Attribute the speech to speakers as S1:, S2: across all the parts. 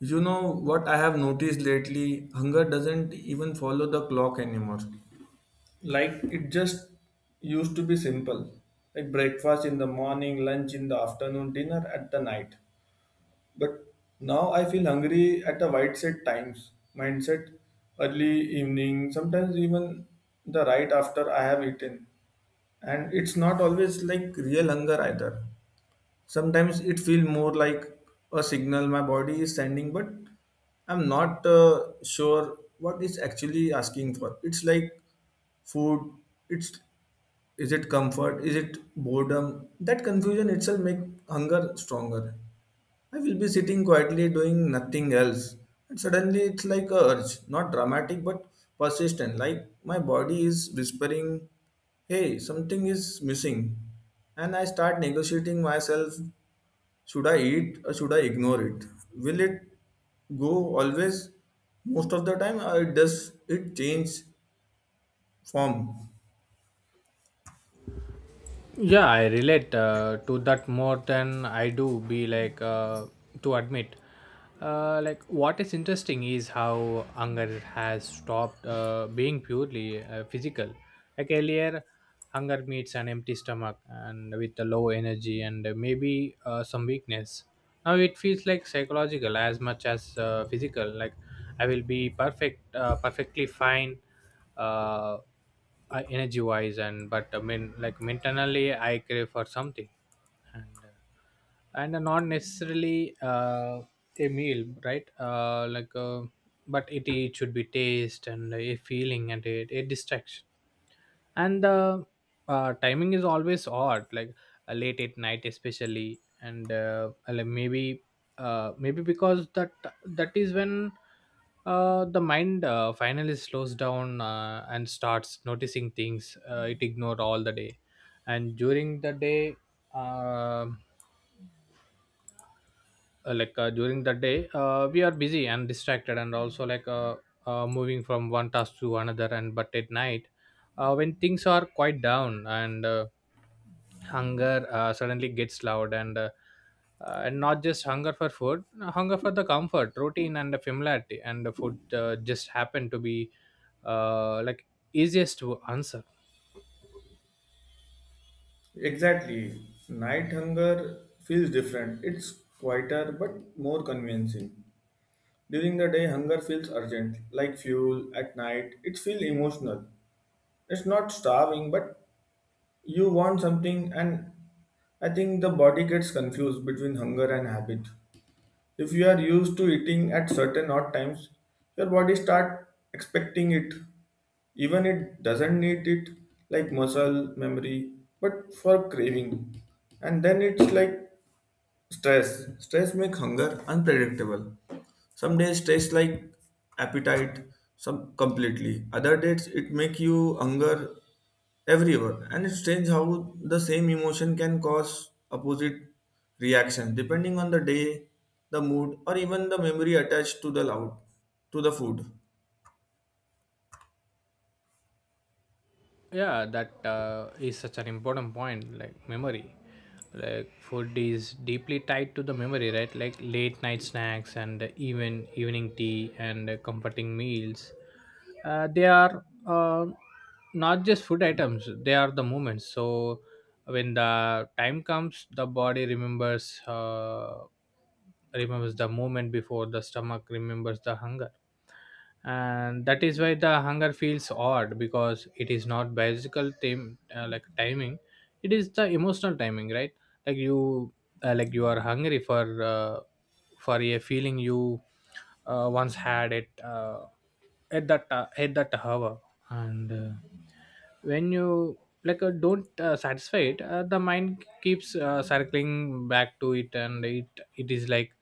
S1: You know what I have noticed lately? Hunger doesn't even follow the clock anymore. Like it just used to be simple. Like breakfast in the morning, lunch in the afternoon, dinner at the night. But now I feel hungry at a wide set times. Mindset early evening, sometimes even the right after I have eaten. And it's not always like real hunger either sometimes it feels more like a signal my body is sending but I'm not sure what it's actually asking for it's like food it's is it comfort is it boredom that confusion itself makes hunger stronger I will be sitting quietly doing nothing else and suddenly it's like a urge not dramatic but persistent like my body is whispering hey something is missing and I start negotiating myself should I eat or should I ignore it? Will it go always? Most of the time, does it change form?
S2: Yeah, I relate to that more than I do be like to admit. Like, what is interesting is how hunger has stopped being purely physical. Like earlier, hunger meets an empty stomach and with a low energy and maybe some weakness. Now it feels like psychological as much as physical. Like, I will be perfectly fine, uh, energy wise, and but I mean, like mentally, I crave for something, and uh, and not necessarily a meal, right? Like, but it should be taste and a feeling and a distraction and the timing is always odd, like late at night especially, and like maybe maybe because that is when the mind finally slows down and starts noticing things it ignored all the day. And during the day, um like during the day we are busy and distracted and also like moving from one task to another, and but at night, when things are quite down and hunger suddenly gets loud, and not just hunger for food, hunger for the comfort, routine, and the familiarity, and the food just happen to be like easiest to answer.
S1: Exactly. Night hunger feels different. It's quieter but more convincing. During the day, hunger feels urgent, like fuel. At night, it feels emotional. It's not starving, but you want something, and I think the body gets confused between hunger and habit. If you are used to eating at certain odd times, your body starts expecting it, even it doesn't need it, like muscle memory, but for craving. And then it's like stress. Stress make hunger unpredictable. Some days stress like appetite, some completely. Other days it make you hunger everywhere. And it's strange how the same emotion can cause opposite reaction depending on the day, the mood, or even the memory attached to the loud to the food.
S2: Yeah, that is such an important point, like memory. Like food is deeply tied to the memory, right? Like late night snacks and even evening tea and comforting meals, they are not just food items, they are the moments. So when the time comes, the body remembers, remembers the moment before the stomach remembers the hunger. And that is why the hunger feels odd, because it is not biological time, like timing, it is the emotional timing, right? Like you like you are hungry for a feeling you once had it at that hour, and when you don't satisfy it, the mind keeps circling back to it, and it is like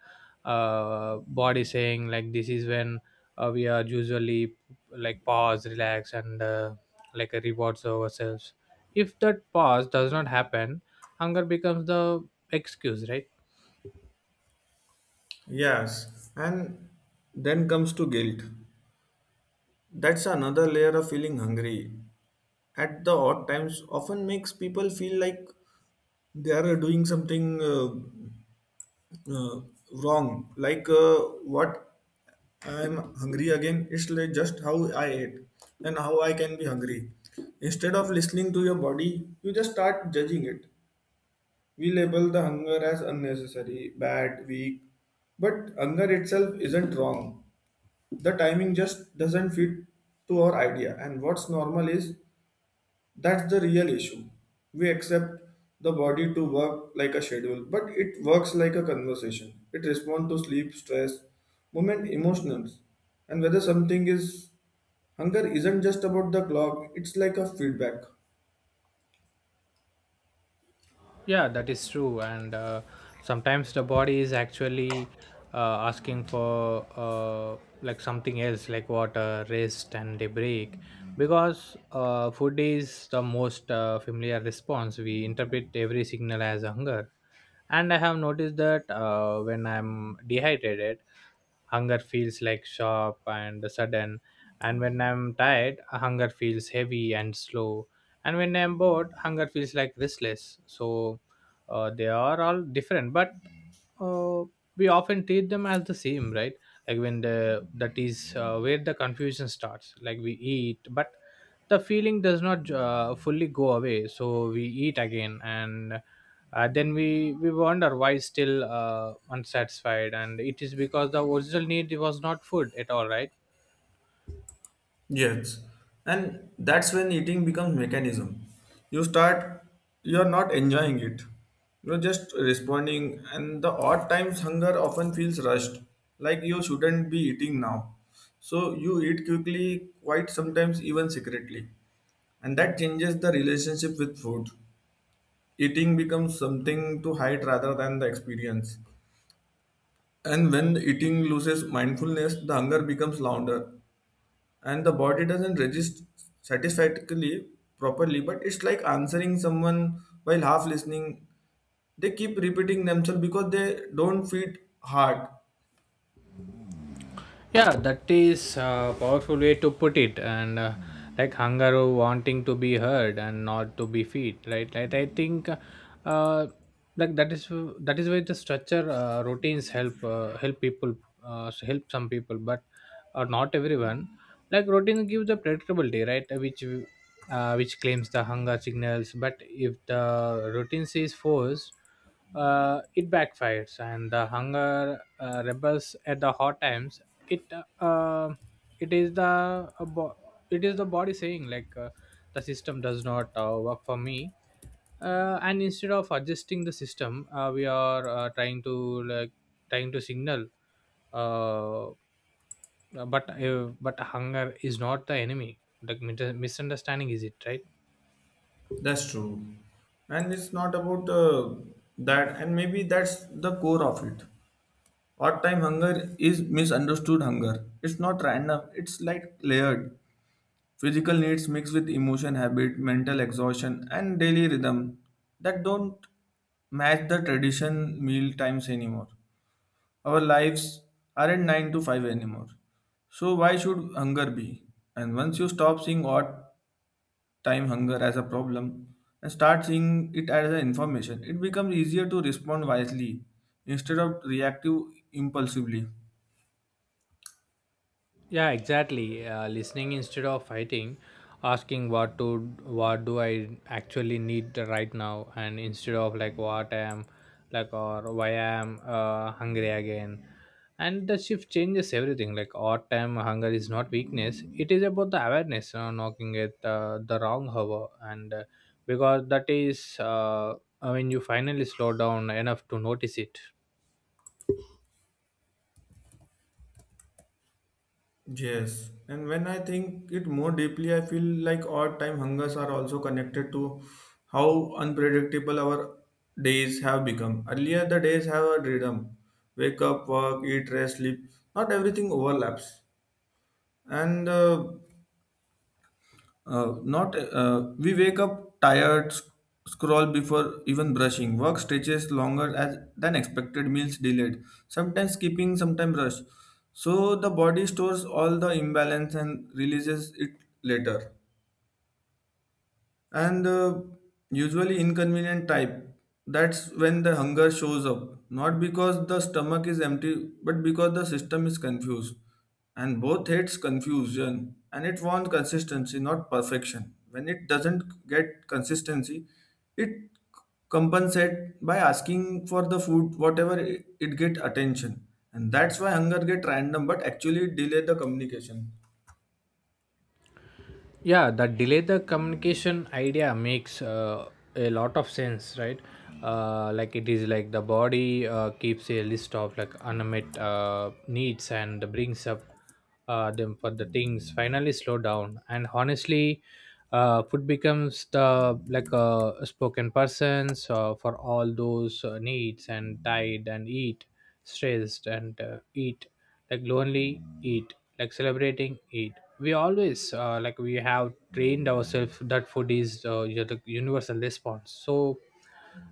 S2: body saying like, this is when we are usually, like, pause, relax, and rewards ourselves. If that pause does not happen, hunger becomes the excuse, right?
S1: Yes. And then comes to guilt. That's another layer of feeling hungry. At the odd times often makes people feel like they are doing something uh, wrong like what I am hungry again it's like just how I ate and how I can be hungry instead of listening to your body you just start judging it we label the hunger as unnecessary bad weak but hunger itself isn't wrong the timing just doesn't fit to our idea and what's normal is that's the real issue. We accept the body to work like a schedule, but it works like a conversation. It responds to sleep, stress, movement, emotions. And whether something is hunger isn't just about the clock, it's like a feedback.
S2: Yeah, that is true. And sometimes the body is actually asking for like something else, like water, rest, and a break, because food is the most familiar response. We interpret every signal as hunger, and I have noticed that when I'm dehydrated, hunger feels like sharp and sudden, and when I'm tired, hunger feels heavy and slow, and when I'm bored, hunger feels like restless. So they are all different, but uh, we often treat them as the same, right? Like when the, that is where the confusion starts. Like we eat, but the feeling does not fully go away, so we eat again, and then we wonder why still unsatisfied, and it is because the original need was not food at all, right?
S1: Yes, and that's when eating becomes mechanism. You start, you're not enjoying it. You're just responding, and the odd times hunger often feels rushed, like you shouldn't be eating now. So you eat quickly, quite sometimes even secretly, and that changes the relationship with food. Eating becomes something to hide rather than the experience. And when eating loses mindfulness, the hunger becomes louder and the body doesn't register satisfactorily properly but it's like answering someone while half listening they keep repeating themselves because they don't feed hard.
S2: Yeah, that is a powerful way to put it, and like hunger or wanting to be heard and not to be feed, right? Like I think, uh, like that is, that is where the structure routines help, help people, help some people, but not everyone. Like routine gives the predictability, right? Which claims the hunger signals, but if the routine is forced, it backfires and the hunger rebels at the hot times. it uh, it is the uh, bo- it is the body saying, like, the system does not work for me, and instead of adjusting the system, we are trying to like, trying to signal, uh, but hunger is not the enemy, like misunderstanding is, it right?
S1: That's true. And it's not about that and maybe that's the core of it odd time hunger is misunderstood hunger it's not random it's like layered physical needs mixed with emotion, habit, mental exhaustion, and daily rhythm that don't match the tradition meal times anymore. Our lives aren't 9 to 5 anymore. So why should hunger be? And once you stop seeing odd time hunger as a problem and start seeing it as an information, it becomes easier to respond wisely instead of reactive impulsively.
S2: Yeah, exactly. Listening instead of fighting, asking what to, what do I actually need right now, and instead of like what I am, like, or why I am hungry again. And the shift changes everything. Like odd time hunger is not weakness, it is about the awareness knocking at the wrong hour, and because that is when you finally slow down enough to notice it.
S1: Yes, and when I think it more deeply, I feel like odd time hungers are also connected to how unpredictable our days have become. Earlier, the days have a rhythm wake up, work, eat, rest, sleep. Not everything overlaps. And not We wake up tired, scroll before even brushing. Work stretches longer as than expected. Meals delayed. Sometimes skipping, sometimes rush. So the body stores all the imbalance and releases it later and usually inconvenient type that's when the hunger shows up not because the stomach is empty but because the system is confused and both hates confusion and it wants consistency not perfection when it doesn't get consistency it compensate by asking for the food whatever it get attention and that's why hunger get random but actually delay the communication.
S2: Yeah, that delay, the communication idea makes a lot of sense, right? Like it is like the body keeps a list of like unmet needs and brings up them for the things finally slow down. And honestly, food becomes the, like a spoken persons for all those needs. And tired and eat, stressed and eat, like lonely eat, like celebrating eat. We always like, we have trained ourselves that food is, you know, the universal response. So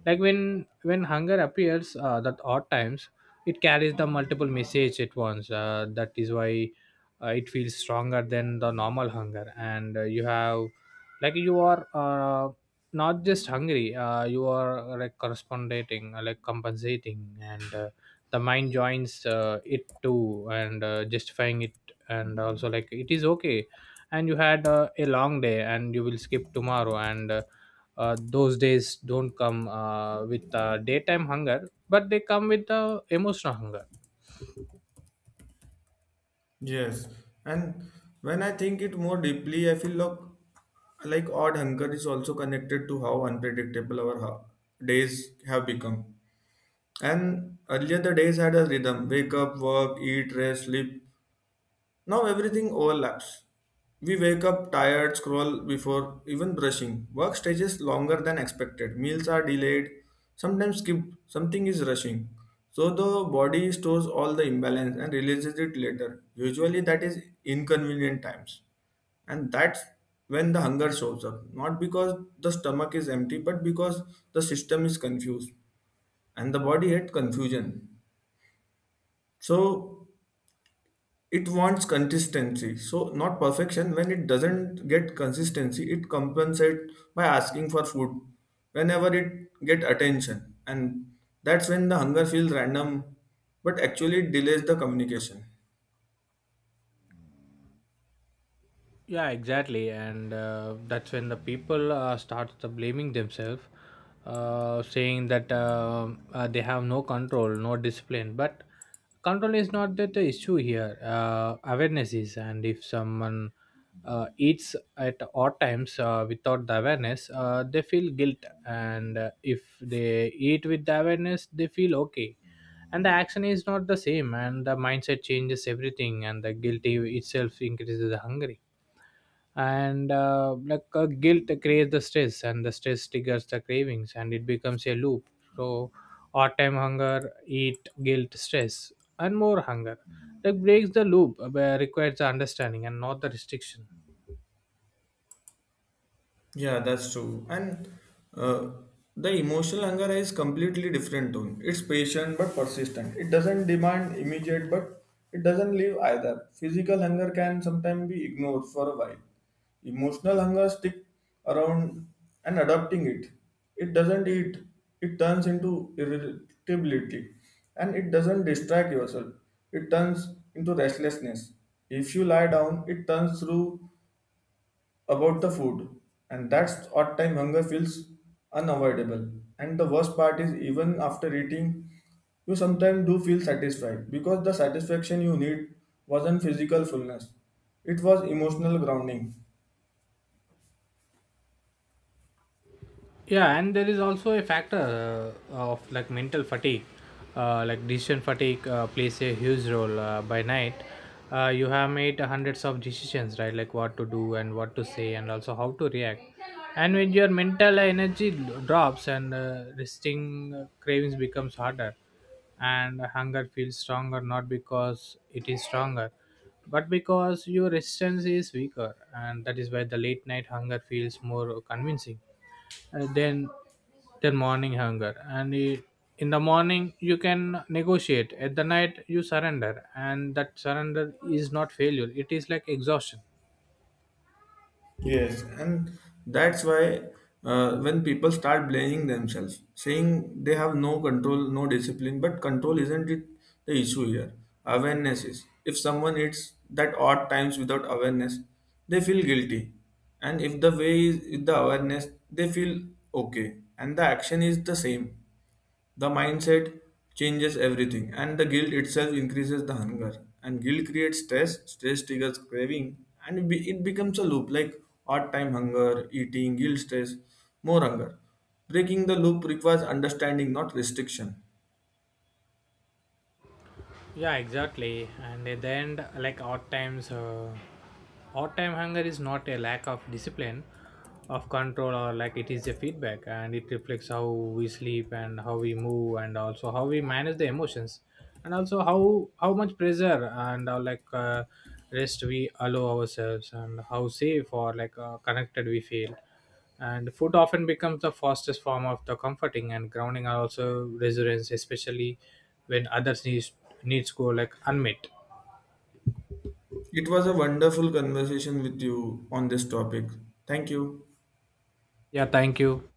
S2: like, when hunger appears at odd times, it carries the multiple message at once, that is why it feels stronger than the normal hunger. And you have, like you are not just hungry, you are like corresponding, like compensating, and the mind joins it too, and justifying it, and also like it is okay, and you had a long day, and you will skip tomorrow, and those days don't come with daytime hunger, but they come with the emotional hunger.
S1: Yes, and when I think it more deeply, I feel like odd hunger is also connected to how unpredictable our days have become. And earlier the days had a rhythm: wake up, work, eat, rest, sleep. Now everything overlaps. We wake up tired, scroll before even brushing. Work stages longer than expected. Meals are delayed, sometimes skipped. Something is rushing. So the body stores all the imbalance and releases it later. Usually that is inconvenient times. And that's when the hunger shows up. Not because the stomach is empty, but because the system is confused and the body hates confusion. So it wants consistency so not perfection when it doesn't get consistency it compensates by asking for food whenever it get attention and that's when the hunger feels random but actually it delays the communication.
S2: Yeah, exactly. And that's when the people start the blaming themselves, saying that they have no control, no discipline, but control is not that the issue here, awareness is. And if someone eats at odd times without the awareness, they feel guilt, and if they eat with the awareness, they feel okay. And the action is not the same, and the mindset changes everything, and the guilty itself increases the hunger. And guilt creates the stress, and the stress triggers the cravings, and it becomes a loop. So odd time hunger, eat, guilt, stress, and more hunger. Like, breaks the loop requires the understanding and not the restriction.
S1: Yeah, that's true. And uh, the emotional hunger is completely different tone. It's patient but persistent. It doesn't demand immediate, but it doesn't leave either. Physical hunger can sometimes be ignored for a while. Emotional hunger stick around and adopting it. It doesn't eat. It turns into irritability, and it doesn't distract yourself. It turns into restlessness. If you lie down, it turns through about the food, and that's odd time hunger feels unavoidable. And the worst part is, even after eating, you sometimes do feel satisfied because the satisfaction you need wasn't physical fullness, it was emotional grounding.
S2: Yeah, and there is also a factor of like mental fatigue. Like decision fatigue plays a huge role by night. You have made hundreds of decisions, right? Like what to do and what to say and also how to react. And when your mental energy drops, and resting cravings becomes harder, and hunger feels stronger, not because it is stronger, but because your resistance is weaker. And that is why the late night hunger feels more convincing uh, than than morning hunger. And in the morning you can negotiate, at the night you surrender. And that surrender is not failure, it is like exhaustion.
S1: Yes, and that's why when people start blaming themselves, saying they have no control, no discipline, but control isn't it the issue here. Awareness is. If someone eats that odd times without awareness, they feel guilty. And if the way is with the awareness, they feel okay. And the action is the same. The mindset changes everything, and the guilt itself increases the hunger. And guilt creates stress, stress triggers craving, and it becomes a loop like odd time hunger, eating, guilt, stress, more hunger. Breaking the loop requires understanding, not restriction.
S2: Yeah, exactly. And at the end, like odd times, odd time hunger is not a lack of discipline, of control, or, like, it is a feedback. And it reflects how we sleep and how we move, and also how we manage the emotions, and also how much pressure and like rest we allow ourselves, and how safe or like connected we feel. And food often becomes the fastest form of the comforting and grounding, are also resilience, especially when others needs go like unmet.
S1: It was a wonderful conversation with you on this topic. Thank you.
S2: Yeah, thank you.